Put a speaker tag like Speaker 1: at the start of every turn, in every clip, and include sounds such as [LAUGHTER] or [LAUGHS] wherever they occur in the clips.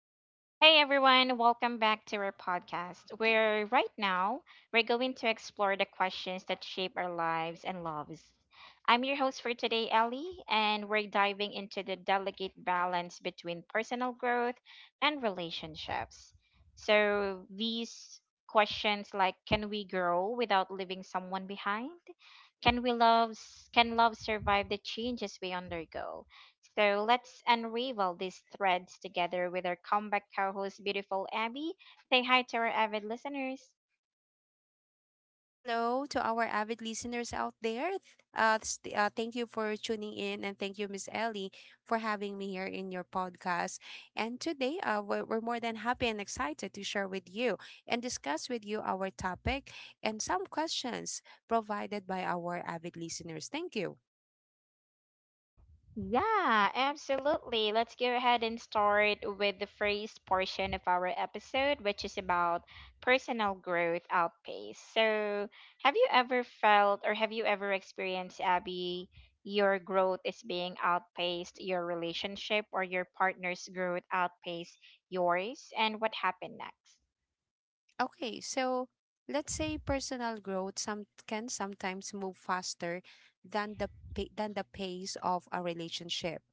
Speaker 1: Hey everyone, welcome back to our podcast, where right now we're going to explore the questions that shape our lives and loves. I'm your host for today, Ellie, and we're diving into the delicate balance between personal growth and relationships. So, these questions like, can we grow without leaving someone behind? Can we can love survive the changes we undergo? So let's unravel these threads together with our comeback co-host, beautiful Abby. Say hi to our avid listeners.
Speaker 2: Hello to our avid listeners out there. Thank you for tuning in, and thank you, Miss Ellie, for having me here in your podcast. And today, we're more than happy and excited to share with you and discuss with you our topic and some questions provided by our avid listeners. Thank you.
Speaker 1: Yeah, absolutely. Let's go ahead and start with the first portion of our episode, which is about personal growth outpace. So, have you ever felt, or have you ever experienced, Abby, your growth is being outpaced your relationship, or your partner's growth outpaced yours? And what happened next?
Speaker 2: Okay, so let's say personal growth sometimes move faster than than the pace of a relationship.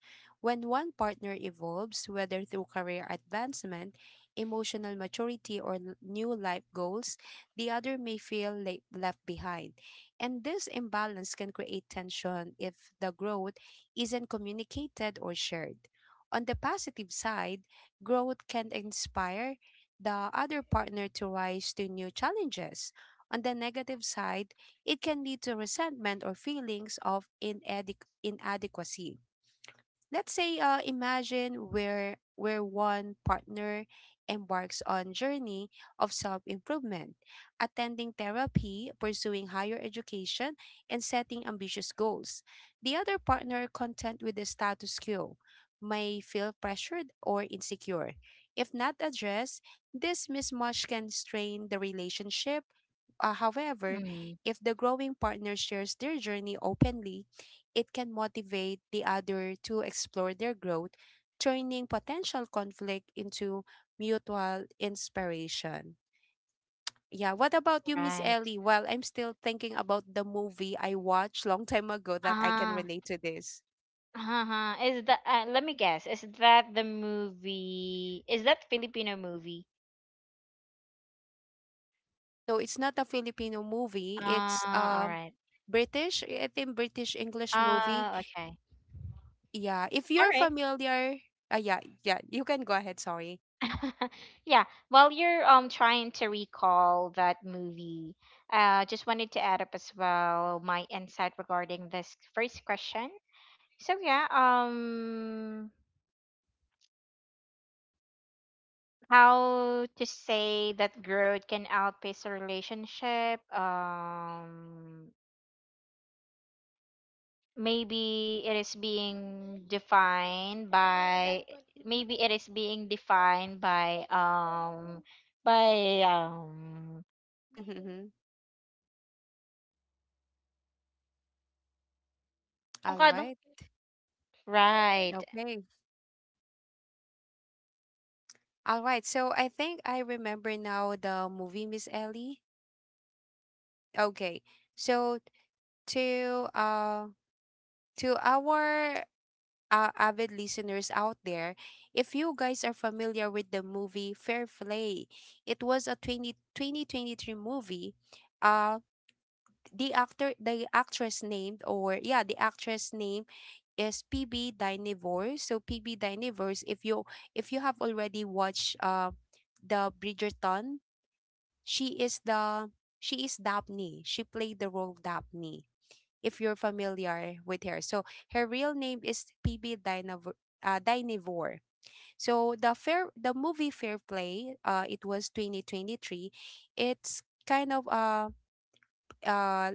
Speaker 2: When one partner evolves, whether through career advancement, emotional maturity, or new life goals, the other may feel left behind. And this imbalance can create tension if the growth isn't communicated or shared. On the positive side, growth can inspire the other partner to rise to new challenges. On the negative side, it can lead to resentment or feelings of inadequacy. Let's say, imagine where one partner embarks on journey of self-improvement, attending therapy, pursuing higher education, and setting ambitious goals. The other partner, content with the status quo, may feel pressured or insecure. If not addressed, this mismatch can strain the relationship. However,
Speaker 1: Mm,
Speaker 2: if the growing partner shares their journey openly, it can motivate the other to explore their growth, turning potential conflict into mutual inspiration. Yeah, what about you, Miss
Speaker 1: right.
Speaker 2: Ellie? Well, I'm still thinking about the movie I watched long time ago that I can
Speaker 1: Ah,
Speaker 2: relate to this.
Speaker 1: uh-huh. Is that, let me guess, is that the movie? Is that Filipino movie?
Speaker 2: No, it's not a Filipino movie. It's
Speaker 1: Ah, all
Speaker 2: um
Speaker 1: right.
Speaker 2: British, I think British English movie.
Speaker 1: Ah, okay.
Speaker 2: Yeah, if
Speaker 1: All
Speaker 2: you're
Speaker 1: right.
Speaker 2: familiar, yeah, you can go ahead. Sorry.
Speaker 1: [LAUGHS] Yeah, while you're trying to recall that movie, just wanted to add up as well my insight regarding this first question. So yeah, how to say that growth can outpace a relationship? Maybe it is being defined by maybe it is being defined by um by
Speaker 2: Mm-hmm, mm-hmm. Uh,
Speaker 1: avocado, right.
Speaker 2: okay. All right. So I think I remember now the movie, Miss Ellie. Okay. So, to uh to our avid listeners out there, if you guys are familiar with the movie Fair Play, it was a 20 2023 movie. Uh the actress named, or yeah, the actress name is PB Dynevor. So PB Dynevors, if you have already watched the Bridgerton, She is the she is Daphne. She played the role Daphne. If you're familiar with her, so her real name is Dynevor. So the movie Fair Play, it was 2023. It's kind of uh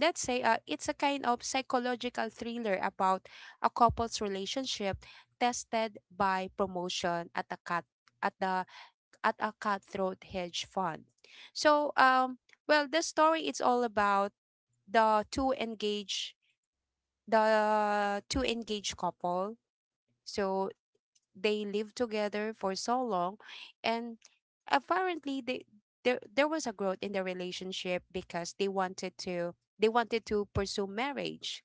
Speaker 2: let's say, it's a kind of psychological thriller about a couple's relationship tested by promotion at a cut at the at a cutthroat hedge fund. So, well, the story is all about the two engaged the two engaged couple. So they lived together for so long, and apparently they there there was a growth in the relationship because they wanted to pursue marriage.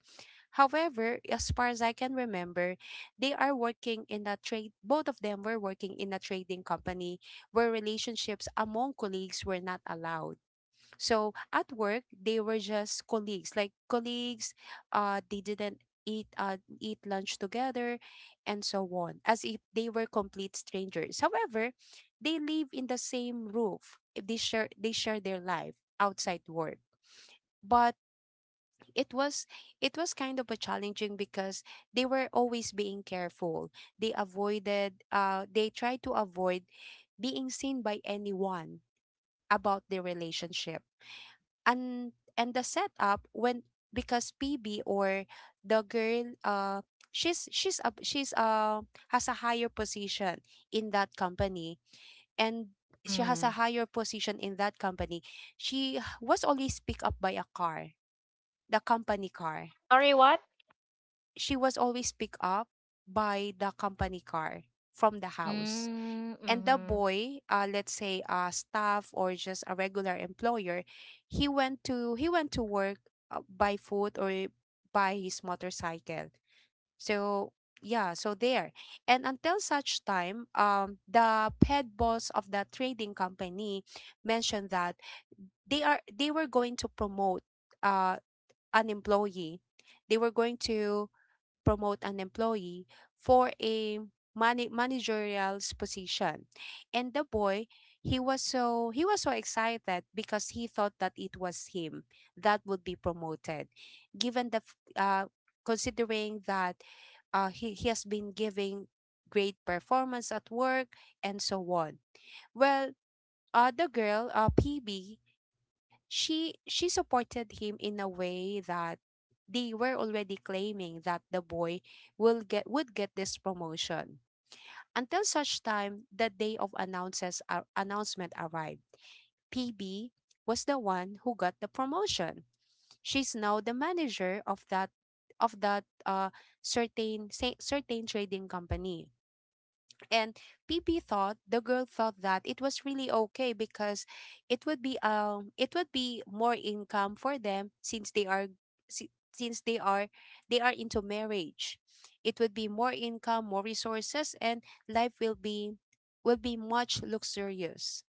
Speaker 2: However, as far as I can remember, they are working in a trade both of them were working in a trading company where relationships among colleagues were not allowed. So at work, they were just colleagues, like colleagues. They didn't eat lunch together and so on, as if they were complete strangers. However, they live in the same roof. They share their life outside work, but it was kind of a challenging because they were always being careful. They tried to avoid being seen by anyone about their relationship. and and the setup, when because PB, or the girl, she's a she's has a higher position in that company. And she has a
Speaker 1: Mm.
Speaker 2: higher position in that company She was always picked up by a car, the company car.
Speaker 1: Sorry, what?
Speaker 2: She was always picked up by the company car From the house,
Speaker 1: Mm,
Speaker 2: and the
Speaker 1: mhm,
Speaker 2: boy, let's say a staff or just a regular employer, he went to work by foot or by his motorcycle. So, yeah. So there, and until such time, the head boss of the trading company mentioned that they were going to promote uh an employee they were going to promote an employee for a managerial position. And the boy, he was so excited because he thought that it was him that would be promoted. Given considering that he has been giving great performance at work and so on. Well, the girl, PB, she supported him in a way that they were already claiming that the boy will get would get this promotion, until such time the day of announcement arrived. PB was the one who got the promotion. She's now the manager of that certain certain trading company. And P P thought the girl thought that it was really okay because it would be, it would be more income for them, since they are, si- since they are they are into marriage. It would be more income, more resources, and life will be much luxurious.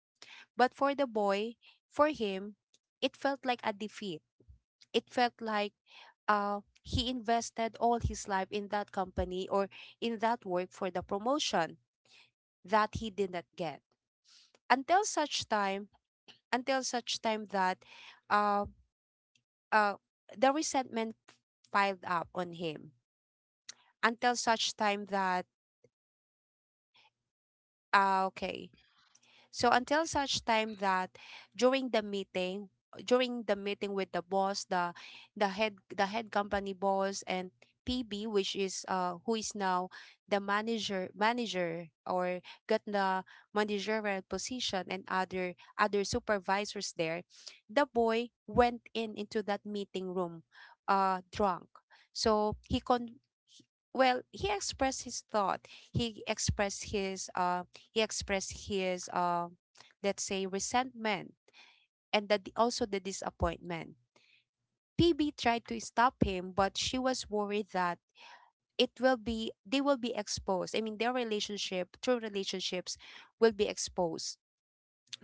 Speaker 2: But for the boy, for him, it felt like a defeat. It felt like uh he invested all his life in that company, or in that work, for the promotion that he did not get. until such time until such time that, uh, uh, the resentment piled up on him. Until such time that Okay. So until such time that, during the meeting, with the boss, the head company boss, and PB, which is, who is now the manager, or got the managerial position, and other supervisors there, the boy went in into that meeting room drunk. So he con well, he expressed his thought. He expressed his um he expressed his, let's say, resentment, and that also the disappointment. PB tried to stop him, but she was worried that it will be they will be exposed. I mean, their relationship, true relationships, will be exposed.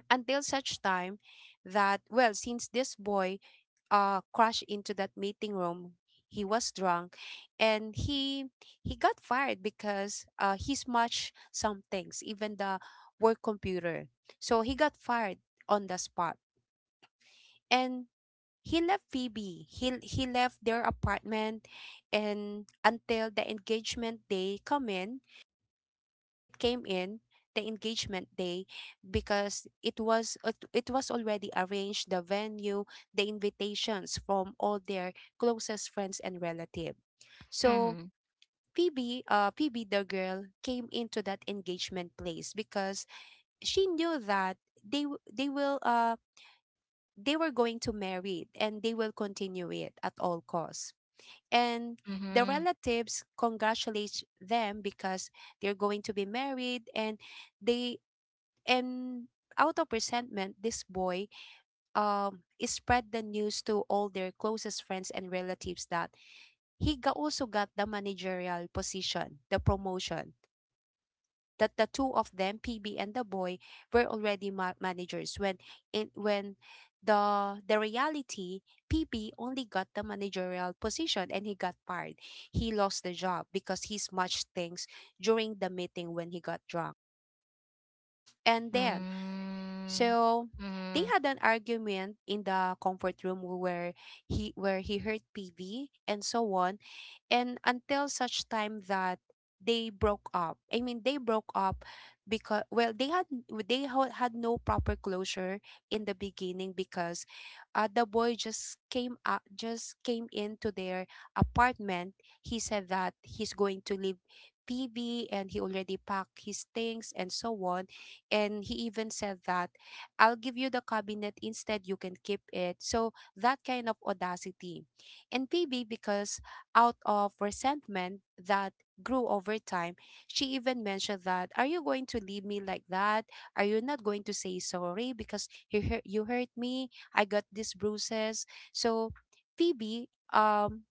Speaker 2: Until such time that, well, since this boy crashed into that meeting room. He was drunk, and he got fired because he smashed some things, even the work computer. So he got fired on the spot. And he left Phoebe. He left their apartment, and until the engagement day come in it came in, the engagement day, because it was already arranged, the venue, the invitations, from all their closest friends and relative. So
Speaker 1: mhm,
Speaker 2: Phoebe, Phoebe the girl came into that engagement place because she knew that they will, they were going to marry, and they will continue it at all costs. And the
Speaker 1: mhm,
Speaker 2: relatives congratulate them because they're going to be married. And they and out of resentment, this boy spread the news to all their closest friends and relatives that he also got the managerial position, the promotion. That the two of them, PB and the boy, were already managers, when in when the reality PB only got the managerial position and he got fired. He lost the job because he smudged things during the meeting when he got drunk. And then,
Speaker 1: mm,
Speaker 2: so they
Speaker 1: mhm,
Speaker 2: had an argument in the comfort room, where he heard TV and so on. And until such time that they broke up. I mean, they broke up because, well, they had, had no proper closure in the beginning, because the boy just just came into their apartment. He said that he's going to leave PB, and he already packed his things and so on. And he even said that, I'll give you the cabinet instead, you can keep it. So that kind of audacity. And PB, because out of resentment that grew over time, she even mentioned that, Are you going to leave me like that? Are you not going to say sorry? Because you hurt me. I got these bruises. So, Phoebe,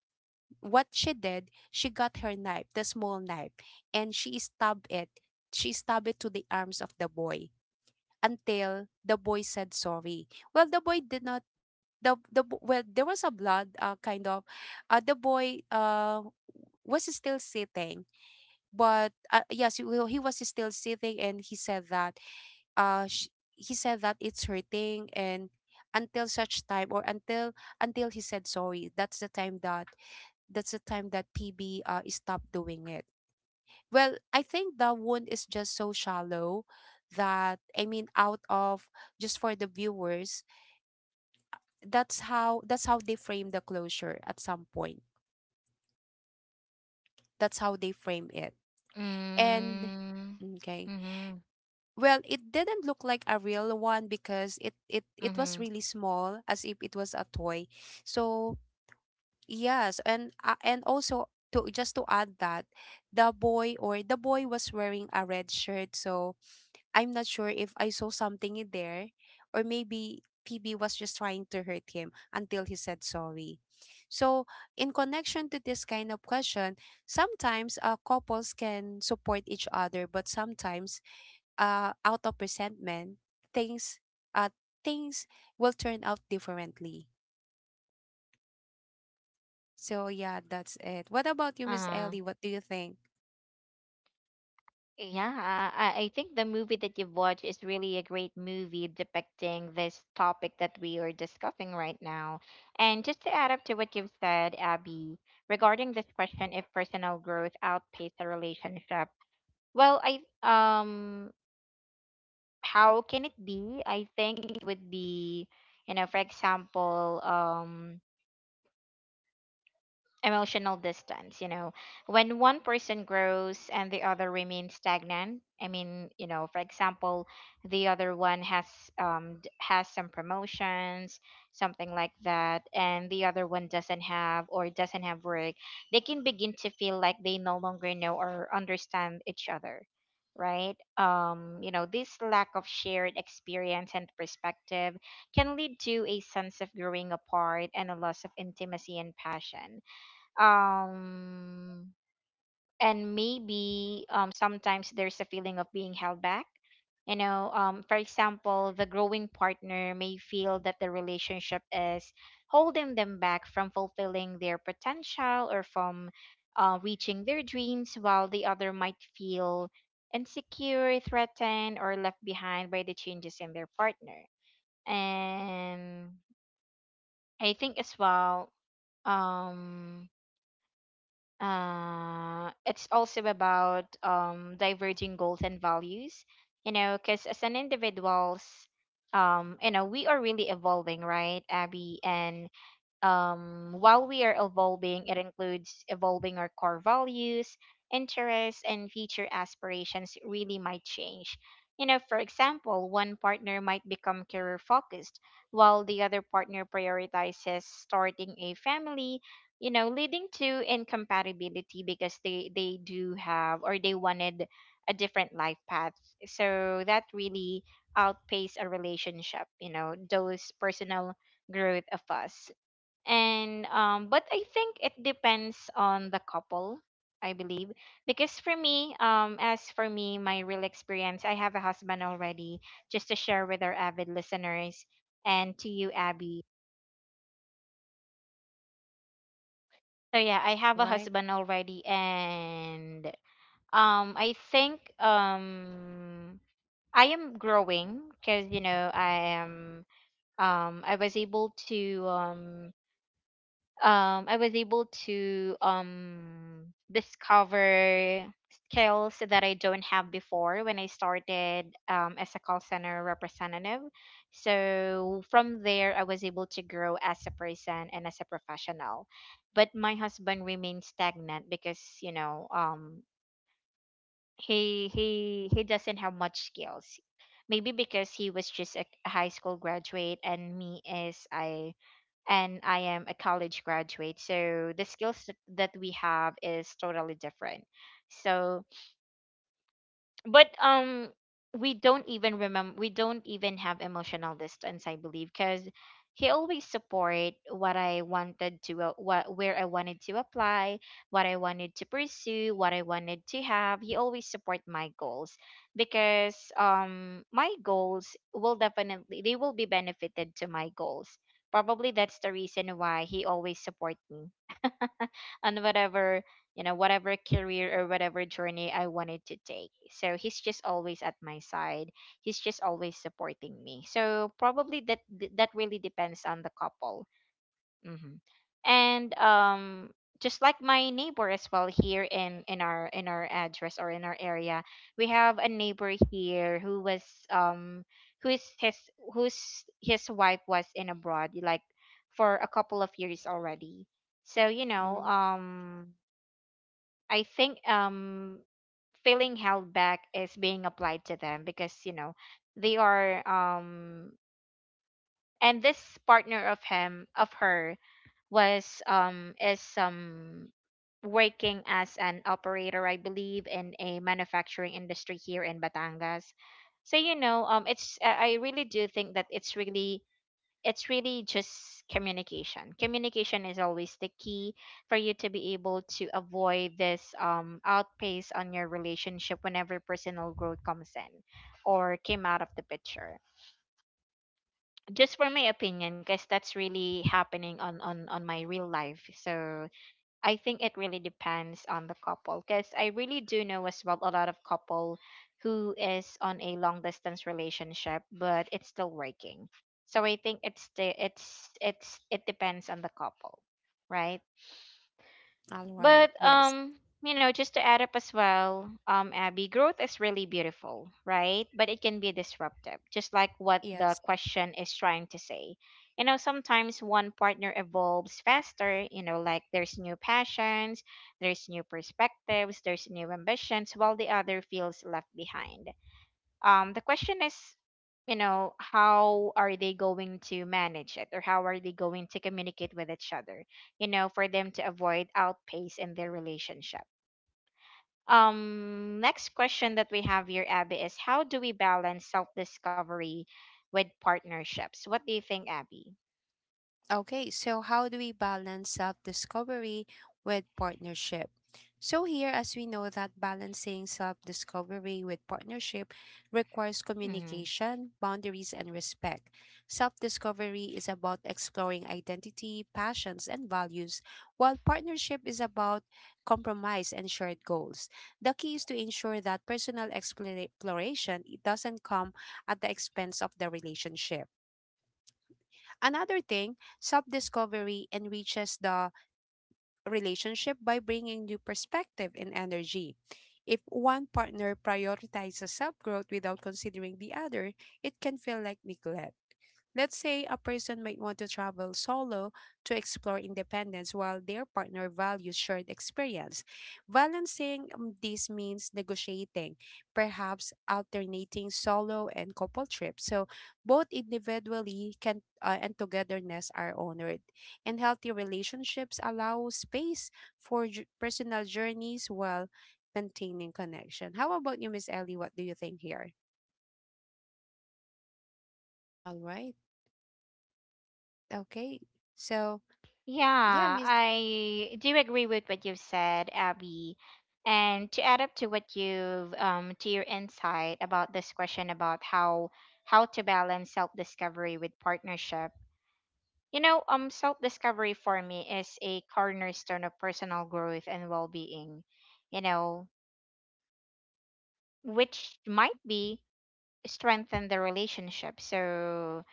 Speaker 2: what she did, she got her knife, the small knife, and she stabbed it. She stabbed it to the arms of the boy until the boy said sorry. Well, the boy did not, well, there was a blood, kind of, the boy, was still sitting, but yes, he was still sitting, and he said that, uh sh- he said that it's hurting, and until such time, or until he said sorry, that's the time that, PB stopped doing it. Well, I think the wound is just so shallow, that, I mean, out of, just for the viewers, that's how they frame the closure at some point, that's how they frame it. And
Speaker 1: mm,
Speaker 2: okay,
Speaker 1: mhm,
Speaker 2: well, it didn't look like a real one because it
Speaker 1: mhm,
Speaker 2: was really small, as if it was a toy. So, yes, and also to just to add that the boy was wearing a red shirt, so I'm not sure if I saw something in there, or maybe Phoebe was just trying to hurt him until he said sorry. So, in connection to this kind of question, sometimes couples can support each other, but sometimes out of resentment, things uh, things will turn out differently.
Speaker 1: uh-huh.
Speaker 2: So, yeah, that's it. What about you,
Speaker 1: Oh
Speaker 2: Miss Ellie?
Speaker 1: yeah.
Speaker 2: What do you think?
Speaker 1: Yeah, I think the movie that you've watched is really a great movie depicting this topic that we are discussing right now. And just to add up to what you've said, Abby, regarding this question, if personal growth outpaced a relationship, well, I, how can it be? I think it would be, you know, for example, emotional distance. You know, when one person grows and the other remains stagnant, I mean, you know, for example, the other one has some promotions, something like that, and the other one doesn't have, or doesn't have work. They can begin to feel like they no longer know or understand each other, right? You know, this lack of shared experience and perspective can lead to a sense of growing apart and a loss of intimacy and passion. um and maybe sometimes there's a feeling of being held back, for example, the growing partner may feel that the relationship is holding them back from fulfilling their potential, or from reaching their dreams, while the other might feel insecure, threatened, or left behind by the changes in their partner. And I think as well, um it's also about, diverging goals and values. Because as an individuals, we are really evolving, right, Abby? And while we are evolving, it includes evolving our core values, interests, and future aspirations really might change. For example, one partner might become career focused, while the other partner prioritizes starting a family, leading to incompatibility, because they do have, or they wanted a different life path. So that really outpaces a relationship, you know, those personal growth of us. And but I think it depends on the couple, I believe. Because for me, my real experience, I have a husband already, just to share with our avid listeners and to you, Abby. So yeah, I
Speaker 2: All
Speaker 1: have a
Speaker 2: right.
Speaker 1: husband already. And I think, I am growing, because you know, um i was able to um I was able to discover skills that I don't have before when I started, as a call center representative. So from there, I was able to grow as a person and as a professional. But my husband remained stagnant, because he doesn't have much skills, maybe because he was just a high school graduate, and me is I, and I am a college graduate, so the skills that we have is totally different. So but we don't even have emotional distance, I believe, because he always support what I wanted to, what where I wanted to apply, what I wanted to pursue, what I wanted to have. He always support my goals, because my goals will definitely, they will be benefited to my goals. Probably that's the reason why he always support me on whatever, career, or whatever journey I wanted to take. So he's just always at my side, he's just always supporting me. So probably that really depends on the couple. Hmm. And just like my neighbor as well, here in our address, or in our area, we have a neighbor here um who's his whose his wife was in abroad, like, for a couple of years already. So
Speaker 2: Mm-mm.
Speaker 1: I think, feeling held back is being applied to them, because they are and this partner of him of her was, is working as an operator, I believe, in a manufacturing industry here in Batangas. So it's I really do think that it's really just communication. Communication is always the key for you to be able to avoid this outpace on your relationship whenever personal growth comes in, or came out of the picture. Just for my opinion, because that's really happening on my real life. So I think it really depends on the couple, because I really do know as well a lot of couple who is on a long distance relationship, but it's still working. So I think it's the, it depends on the couple, right?
Speaker 2: All right.
Speaker 1: But
Speaker 2: Yes.
Speaker 1: just to add up as well, Abby, growth is really beautiful, right? But it can be disruptive, just like what the
Speaker 2: Yes.
Speaker 1: question is trying to say. You know, sometimes one partner evolves faster, like, there's new passions, there's new perspectives, there's new ambitions, while the other feels left behind. The question is, how are they going to manage it, or how are they going to communicate with each other, for them to avoid outpace in their relationship. Next question that we have here, Abby, is how do we balance self-discovery with partnerships? What do you think, Abby?
Speaker 2: Okay, so how do we balance self discovery with partnership? So, here, as we know, that balancing self discovery with partnership requires
Speaker 1: Mm-hmm.
Speaker 2: communication, boundaries, and respect. Self discovery is about exploring identity, passions, and values, while partnership is about compromise and shared goals. The key is to ensure that personal exploration it doesn't come at the expense of the relationship. Another thing, self discovery enriches the relationship by bringing new perspective and energy. If one partner prioritizes self growth without considering the other, it can feel like neglect. Let's say a person might want to travel solo to explore independence while their partner values shared experience. Balancing this means negotiating, perhaps alternating solo and couple trips. So both individually can and togetherness are honored. And healthy relationships allow space for personal journeys while maintaining connection. How about you, Miss Ellie? What do you think here? All right. Okay. So, yeah,
Speaker 1: Yeah,
Speaker 2: Miss.
Speaker 1: I do agree with what you've said, Abby. And to add up to what you've to your insight about this question, about how to balance self-discovery with partnership. Self-discovery for me is a cornerstone of personal growth and well-being, you know, which might be strengthen the relationship. So,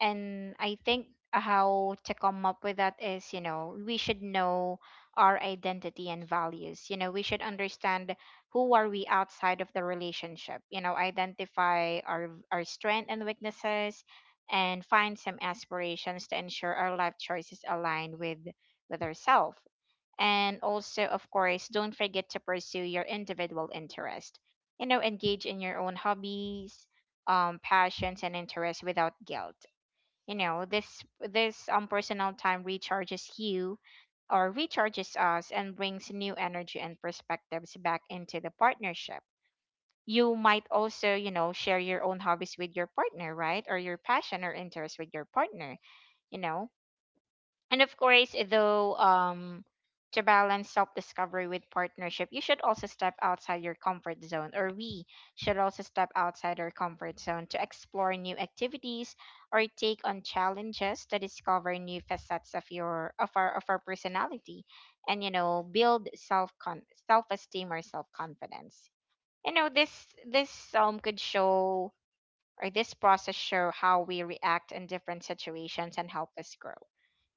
Speaker 1: and I think, how to come up with that is, we should know our identity and values. We should understand who are we outside of the relationship, identify our strength and weaknesses, and find some aspirations to ensure our life choices align with, ourselves. And also, of course, don't forget to pursue your individual interest. Engage in your own hobbies, passions, and interests without guilt. This personal time recharges you, or recharges us, and brings new energy and perspectives back into the partnership. You might also, share your own hobbies with your partner, right? Or your passion or interest with your partner. you know and of course, though, to balance self discovery with partnership, you should also step outside your comfort zone, or we should also step outside our comfort zone, to explore new activities, or take on challenges to discover new facets of your, of our personality, and build self esteem, or self confidence. This could show, or this process show how we react in different situations, and help us grow,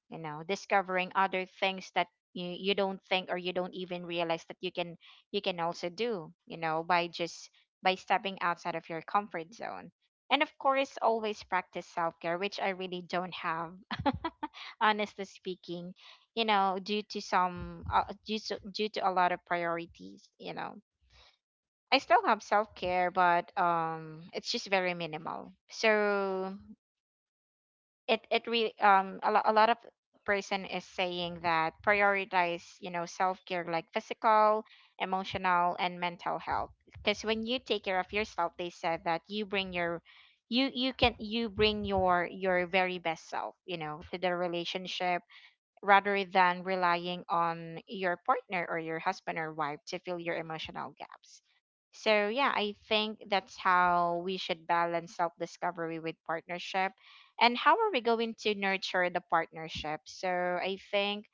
Speaker 1: discovering other things that you don't think, or you don't even realize that you can also do, by just by stepping outside of your comfort zone. And of course, always practice self-care, which I really don't have, [LAUGHS] honestly speaking. You know, due to some, due to due to a lot of priorities, I still have self-care, but it's just very minimal. So it really, a lot of person is saying that prioritize, self-care, like physical, emotional, and mental health, because when you take care of yourself, they said that you bring your you you can you bring your very best self, you know, to the relationship, rather than relying on your partner, or your husband or wife, to fill your emotional gaps. So yeah, I think that's how we should balance self discovery with partnership. And how are we going to nurture the partnership? So, I think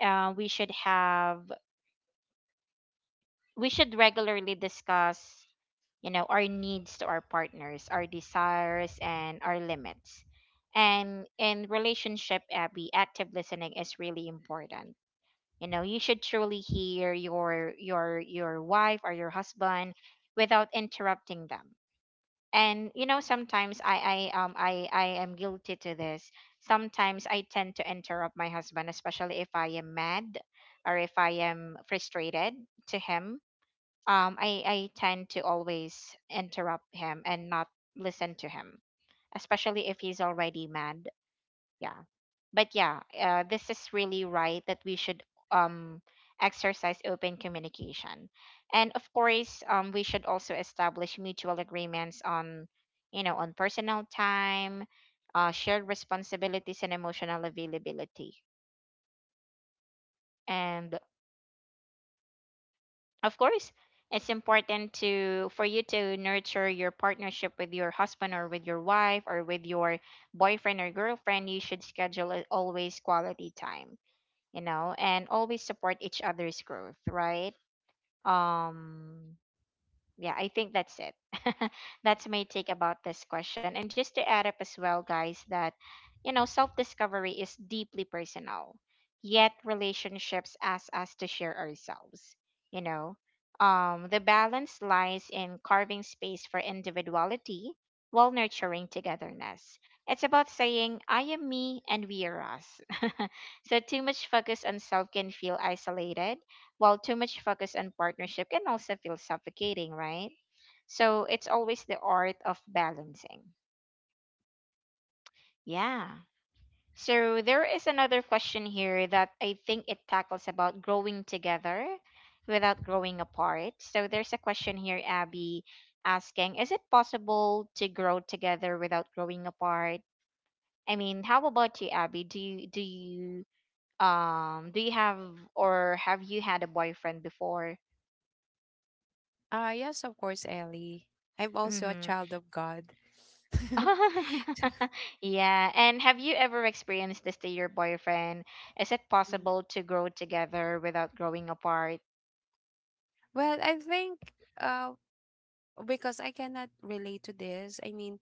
Speaker 1: we should have, we should regularly discuss, you know, our needs to our partners, our desires, and our limits. And in relationship, Abby, active listening is really important. You know, you should truly hear your your wife or your husband without interrupting them. And you know sometimes I am guilty to this. Sometimes I tend to interrupt my husband, especially if I am mad or if I am frustrated to him. I tend to always interrupt him and not listen to him, especially if he's already mad. Yeah. But yeah, this is really right that we should um exercise open communication. And of course, we should also establish mutual agreements on, you know, on personal time, shared responsibilities and emotional availability. And of course, it's important to, for you to nurture your partnership with your husband or with your wife or with your boyfriend or girlfriend. You should schedule always quality time, you know, and always support each other's growth, right? Um, yeah, I think that's it. [LAUGHS] That's my take about this question. And just to add up as well, guys, that, you know, self discovery is deeply personal, yet relationships ask us to share ourselves, you know. The balance lies in carving space for individuality while nurturing togetherness. It's about saying, I am me and we are us. [LAUGHS] So, too much focus on self can feel isolated, while too much focus on partnership can also feel suffocating, right? So it's always the art of balancing. Yeah. So there is another question here that I think it tackles about growing together without growing apart. So there's a question here, Abby, asking, is it possible to grow together without growing apart? I mean, how about you, Abby? Do you, do you have or have you had a boyfriend before?
Speaker 2: Yes, of course, Ellie. I'm also a
Speaker 1: Mm-hmm.
Speaker 2: child of God. [LAUGHS]
Speaker 1: [LAUGHS] Yeah. And have you ever experienced this to your boyfriend? Is it
Speaker 2: Mm.
Speaker 1: possible to grow together without growing apart?
Speaker 2: Well, I think uh because I cannot relate to this. I mean,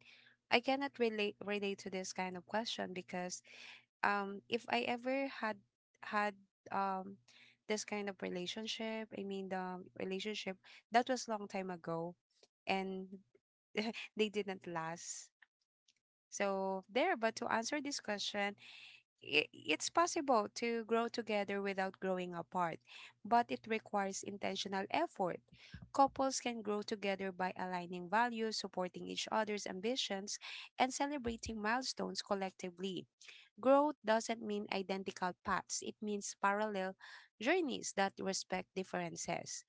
Speaker 2: I cannot relate to this kind of question because if I ever had um this kind of relationship, I mean the relationship that was long time ago and they didn't last. So there, but to answer this question, it's possible to grow together without growing apart, but it requires intentional effort. Couples can grow together by aligning values, supporting each other's ambitions, and celebrating milestones collectively. Growth doesn't mean identical paths, it means parallel journeys that respect differences.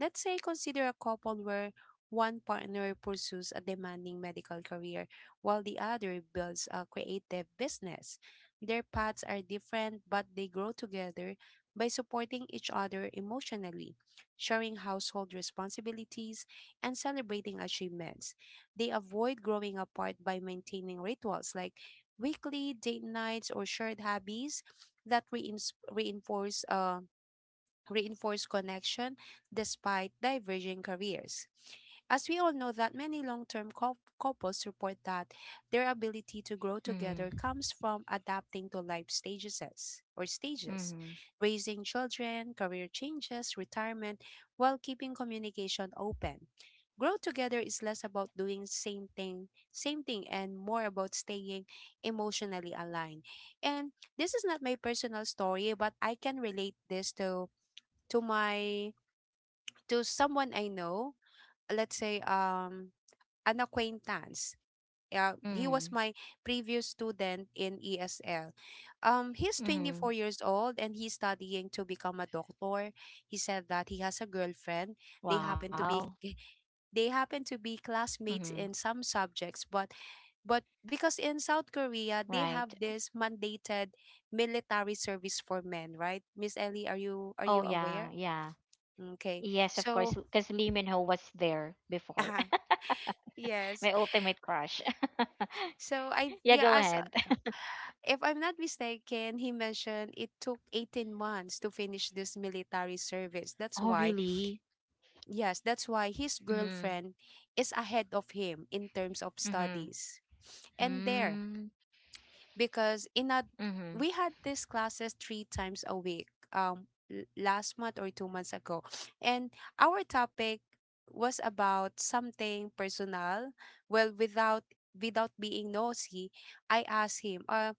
Speaker 2: Let's say consider a couple where one partner pursues a demanding medical career while the other builds a creative business. Their paths are different, but they grow together by supporting each other emotionally, sharing household responsibilities, and celebrating achievements. They avoid growing apart by maintaining rituals like weekly date nights or shared hobbies that reins reinforce reinforce connection despite diverging careers. As we all know that many long-term couples report that their ability to grow together
Speaker 1: Mm,
Speaker 2: comes from adapting to life stages or stages,
Speaker 1: mm,
Speaker 2: raising children, career changes, retirement, while keeping communication open. Grow together is less about doing same thing and more about staying emotionally aligned. And this is not my personal story, but I can relate this to my to someone I know, let's say an acquaintance. Yeah, he was
Speaker 1: mm,
Speaker 2: my previous student in ESL. He's
Speaker 1: mm.
Speaker 2: 24 years old and he's studying to become a doctor. He said that he has a
Speaker 1: Wow.
Speaker 2: girlfriend. They happen to be [LAUGHS] they happen
Speaker 1: Mm,
Speaker 2: to be classmates in some subjects, but because in South
Speaker 1: right.
Speaker 2: Korea they have this mandated military service for men, right? Miss Ellie,
Speaker 1: Oh yeah,
Speaker 2: are you
Speaker 1: yeah.
Speaker 2: aware?
Speaker 1: Yes, of
Speaker 2: Okay.
Speaker 1: course, because
Speaker 2: So
Speaker 1: Lee Min Ho was there before.
Speaker 2: [LAUGHS]
Speaker 1: [LAUGHS] My
Speaker 2: Yeah.
Speaker 1: ultimate crush. [LAUGHS]
Speaker 2: So I
Speaker 1: Yeah, go
Speaker 2: yeah, as
Speaker 1: ahead. [LAUGHS]
Speaker 2: if I'm not mistaken, he mentioned it took 18 months to finish this military service. That's
Speaker 1: Oh
Speaker 2: why,
Speaker 1: really?
Speaker 2: yes, that's why his
Speaker 1: Mm,
Speaker 2: girlfriend is ahead of him in terms of
Speaker 1: mm,
Speaker 2: studies. And there,
Speaker 1: mm,
Speaker 2: because in a
Speaker 1: mm,
Speaker 2: we had these classes three times a week, last month or 2 months ago. And our topic was about something personal. Well, without being nosy, I asked him, uh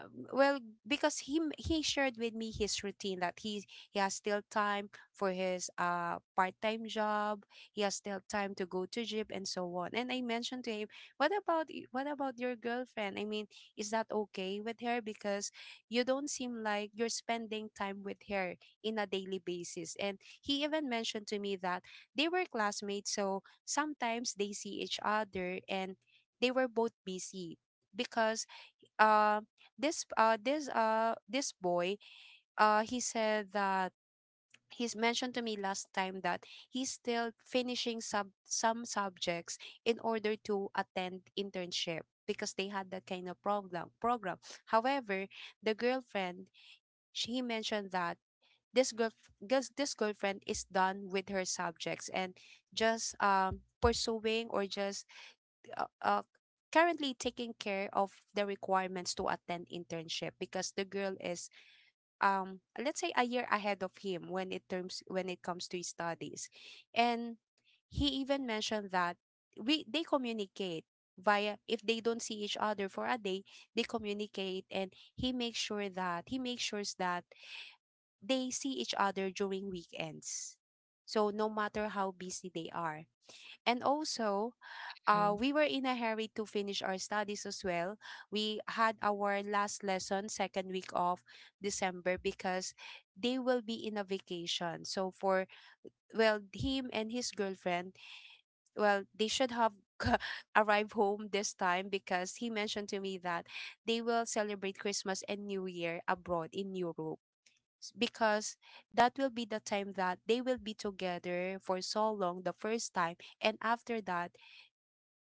Speaker 2: um, well because he he shared with me his routine that he has still time for his part-time job, he has still time to go to gym and so on. And I mentioned to him, what about what about your girlfriend? I mean, is that okay with her? Because you don't seem like you're spending time with her in a daily basis. And he even mentioned to me that they were classmates, so sometimes they see each other and they were both busy because uh, this boy, he said that he's mentioned to me last time that he's still finishing sub some subjects in order to attend internship because they had that kind of program. However, the girlfriend she mentioned that this girl this girlfriend is done with her subjects and just pursuing or just uh, uh, currently taking care of the requirements to attend internship because the girl is let's say a year ahead of him when it terms when it comes to his studies. And he even mentioned that we they communicate via, if they don't see each other for a day, they communicate. And he makes sure that they see each other during weekends, so no matter how busy they are. And also
Speaker 1: hmm.
Speaker 2: we were in a hurry to finish our studies as well. We had our last lesson second week of December because they will be in a vacation. So for well, him and his girlfriend, well, they should have [LAUGHS] arrived home this time because he mentioned to me that they will celebrate Christmas and New Year abroad in Europe. S- Because that will be the time that they will be together for so long the first time, and after that,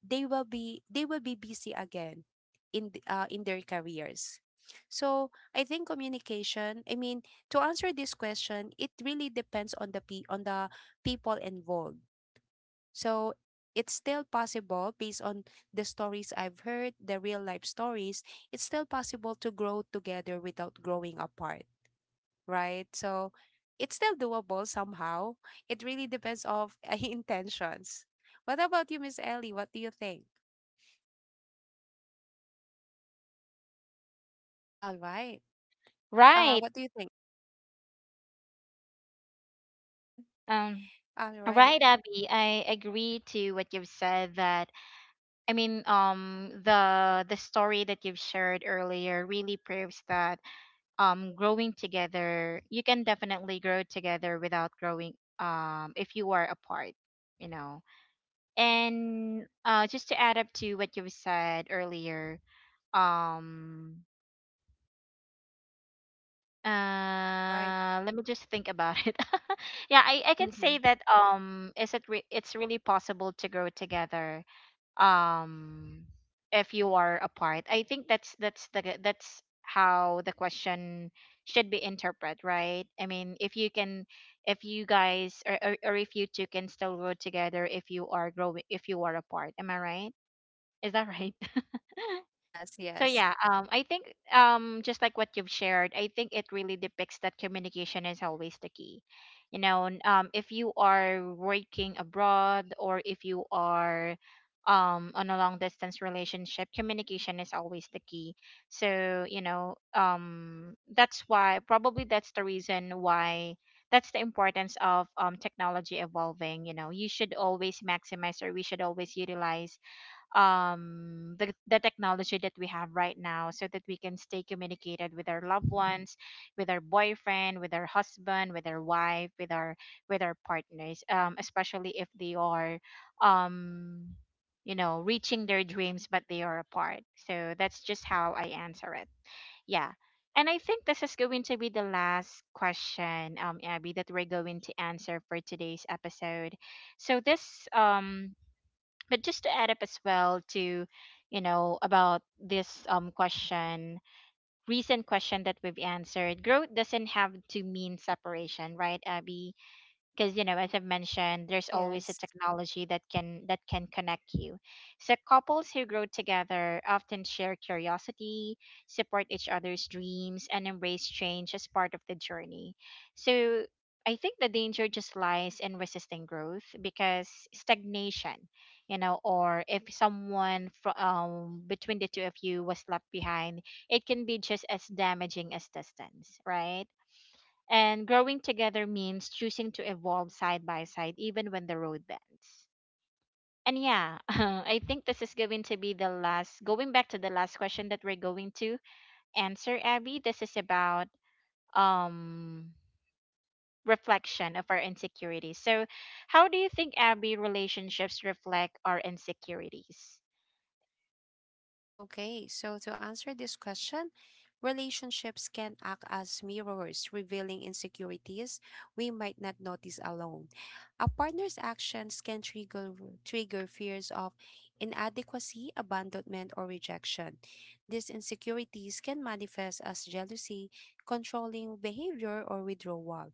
Speaker 2: they will be busy again in in their careers. So I think communication, I mean, to answer this question, it really depends on the on the people involved. So it's still possible. Based on the stories I've heard, the real life stories, it's still possible to grow together without growing apart, right? So it's still doable somehow. It really depends of [LAUGHS] intentions. What about you, Miss Ellie? What do you think? All right.
Speaker 1: Right.
Speaker 2: What do you think? Mhm.
Speaker 1: Um,
Speaker 2: All right.
Speaker 1: Right, Abby. I agree to what you've said that, I mean, the story that you've shared earlier really proves that, growing together, you can definitely grow together without growing, if you are apart, you know. And uh, just to add up to what you've said earlier, um
Speaker 2: All right.
Speaker 1: uh, let me just think about it. [LAUGHS] Yeah, I can
Speaker 2: Mm-hmm.
Speaker 1: say that, um, it's really possible to grow together um if you are apart. I think that's the that's how the question should be interpreted, right? I mean, if you can, if you guys or if you two can still grow together if you are growing, if you are apart, am I right? Is that [LAUGHS] right?
Speaker 2: Yes,
Speaker 1: So
Speaker 2: yes,
Speaker 1: yeah, I think, just like what you've shared, I think it really depicts that communication is always the key. You know, if you are working abroad or if you are, on a long distance relationship, communication is always the key. So you know, that's why probably that's the reason why, that's the importance of, technology evolving. You know, you should always maximize, or we should always utilize, um, the technology that we have right now so that we can stay communicated with our loved ones, with our boyfriend, with our husband, with our wife, with our, with our partners, um, especially if they are, um, you know, reaching their dreams but they are apart. So that's just how I answer it. Yeah. And I think this is going to be the last question, um, Abby, that we're going to answer for today's episode. So this, um, but just to add up as well to, you know, about this, um, question, recent question that we've answered, growth doesn't have to mean separation, right, Abby? Because you know, as I've mentioned, there's always a
Speaker 2: yes.
Speaker 1: technology that can connect you. So couples who grow together often share curiosity, support each other's dreams, and embrace change as part of the journey. So I think the danger just lies in resisting growth, because stagnation, you know, or if someone between the two of you was left behind, it can be just as damaging as distance, right? And growing together means choosing to evolve side by side, even when the road bends. And yeah, [LAUGHS] I think this is going to be the last, going back to the last question that we're going to answer, Abby. This is about, um, reflection of our insecurities. So, how do you think, Abby, relationships reflect our insecurities?
Speaker 2: Okay, so to answer this question, relationships can act as mirrors, revealing insecurities we might not notice alone. A partner's actions can trigger fears of inadequacy, abandonment, or rejection. These insecurities can manifest as jealousy, controlling behavior, or withdrawal.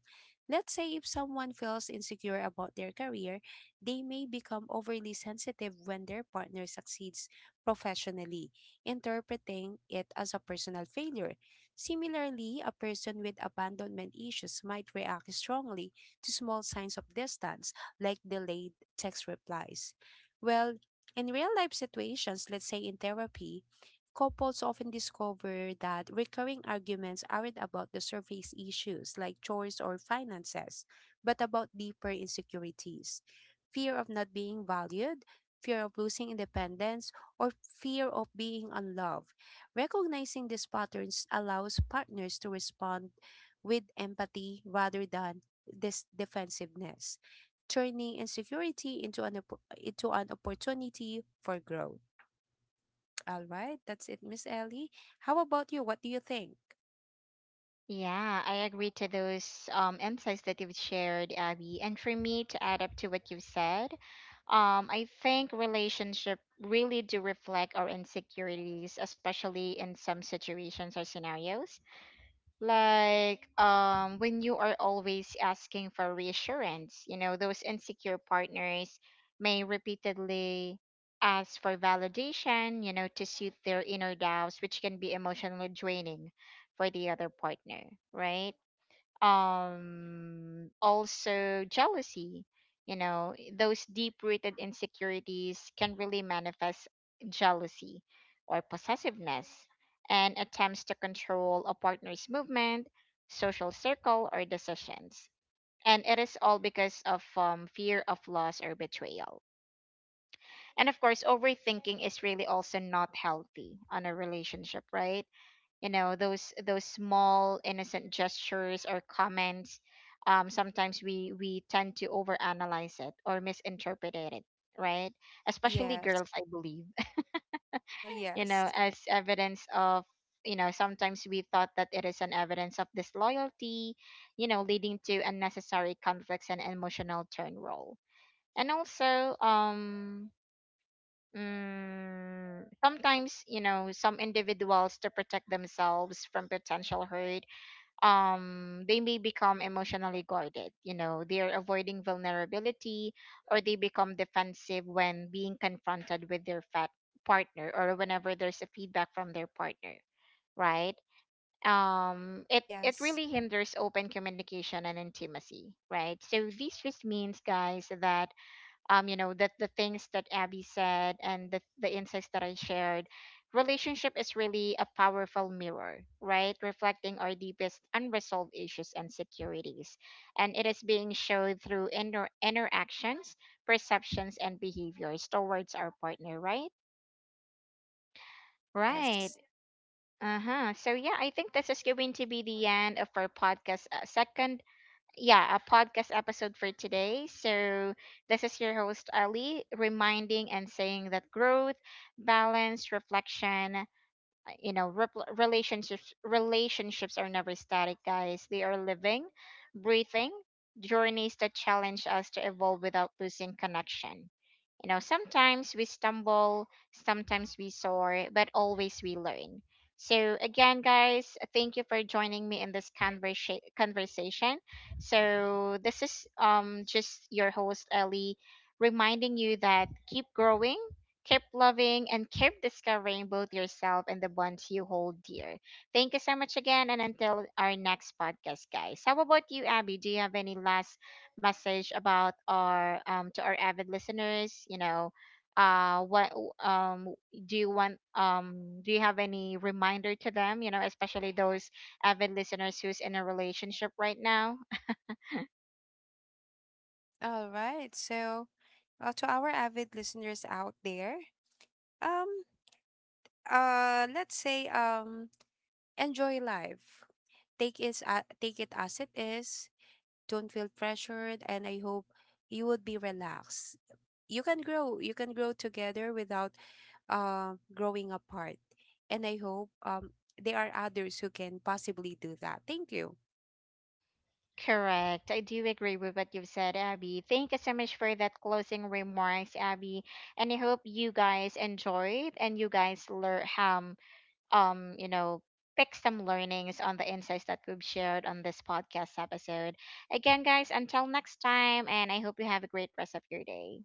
Speaker 2: Let's say if someone feels insecure about their career, they may become overly sensitive when their partner succeeds professionally, interpreting it as a personal failure. Similarly, a person with abandonment issues might react strongly to small signs of distance, like delayed text replies. Well, in real life situations, let's say in therapy, couples often discover that recurring arguments aren't about the surface issues like chores or finances, but about deeper insecurities: fear of not being valued, fear of losing independence, or fear of being unloved. Recognizing these patterns allows partners to respond with empathy rather than this defensiveness, turning insecurity into into an opportunity for growth. All right, that's it, Miss Ellie. How about you? What do you think?
Speaker 1: Yeah, I agree to those, insights that you've shared, Abby. And for me, to add up to what you've said, I think relationship really do reflect our insecurities, especially in some situations or scenarios. Like, um, when you are always asking for reassurance, you know, those insecure partners may repeatedly ask for validation, you know, to suit their inner doubts, which can be emotionally draining for the other partner, right? Um, also jealousy, you know, those deep rooted insecurities can really manifest jealousy or possessiveness and attempts to control a partner's movement, social circle, or decisions. And it is all because of, fear of loss or betrayal. And of course overthinking is really also not healthy on a relationship, right? You know, those small innocent gestures or comments, sometimes we tend to overanalyze it or misinterpret it, right? Especially
Speaker 2: Yes.
Speaker 1: girls, I believe.
Speaker 2: Uh-huh,
Speaker 1: [LAUGHS] You know,
Speaker 2: yes.
Speaker 1: as evidence of, you know, sometimes we thought that it is an evidence of disloyalty, you know, leading to unnecessary conflicts and emotional turn roll. And also, um, mm, sometimes you know some individuals, to protect themselves from potential hurt, um, they may become emotionally guarded, you know, they're avoiding vulnerability, or they become defensive when being confronted with their fat partner, or whenever there's a feedback from their partner, right? Um, it
Speaker 2: Yes.
Speaker 1: really hinders open communication and intimacy, right? So this just means, guys, that, um, you know, that the things that Abby said and the insights that I shared, relationship is really a powerful mirror, right, reflecting our deepest unresolved issues and securities, and it is being showed through interactions, perceptions, and behaviors towards our partner, right? Right.
Speaker 2: Yes.
Speaker 1: Uh-huh. So yeah, I think this is going to be the end of our podcast, second, yeah, a podcast episode for today. So, this is your host, Ali, reminding and saying that growth, balance, reflection, you know, repl relationships, relationships are never static, guys. They are living, breathing journeys that challenge us to evolve without losing connection. You know, sometimes we stumble, sometimes we soar, but always we learn. So again, guys, thank you for joining me in this conversation. So this is, um, just your host Ellie, reminding you that keep growing, keep loving, and keep discovering both yourself and the ones you hold dear. Thank you so much again. And until our next podcast, guys. How about you, Abby? Do you have any last message about our, um, to our avid listeners? You know, uh, what, um, do you want, um, do you have any reminder to them, you know, especially those avid listeners who's in a relationship right now?
Speaker 2: All right. So, to our avid listeners out there, um, let's say, enjoy life. Take it as it is. Don't feel pressured, and I hope you would be relaxed. You can grow. You can grow together without growing apart. And I hope there are others who can possibly do that. Thank you.
Speaker 1: Correct. I do agree with what you've said, Abby. Thank you so much for that closing remarks, Abby. And I hope you guys enjoyed and you guys learn, you know, pick some learnings on the insights that we've shared on this podcast episode. Again, guys, until next time, and I hope you have a great rest of your day.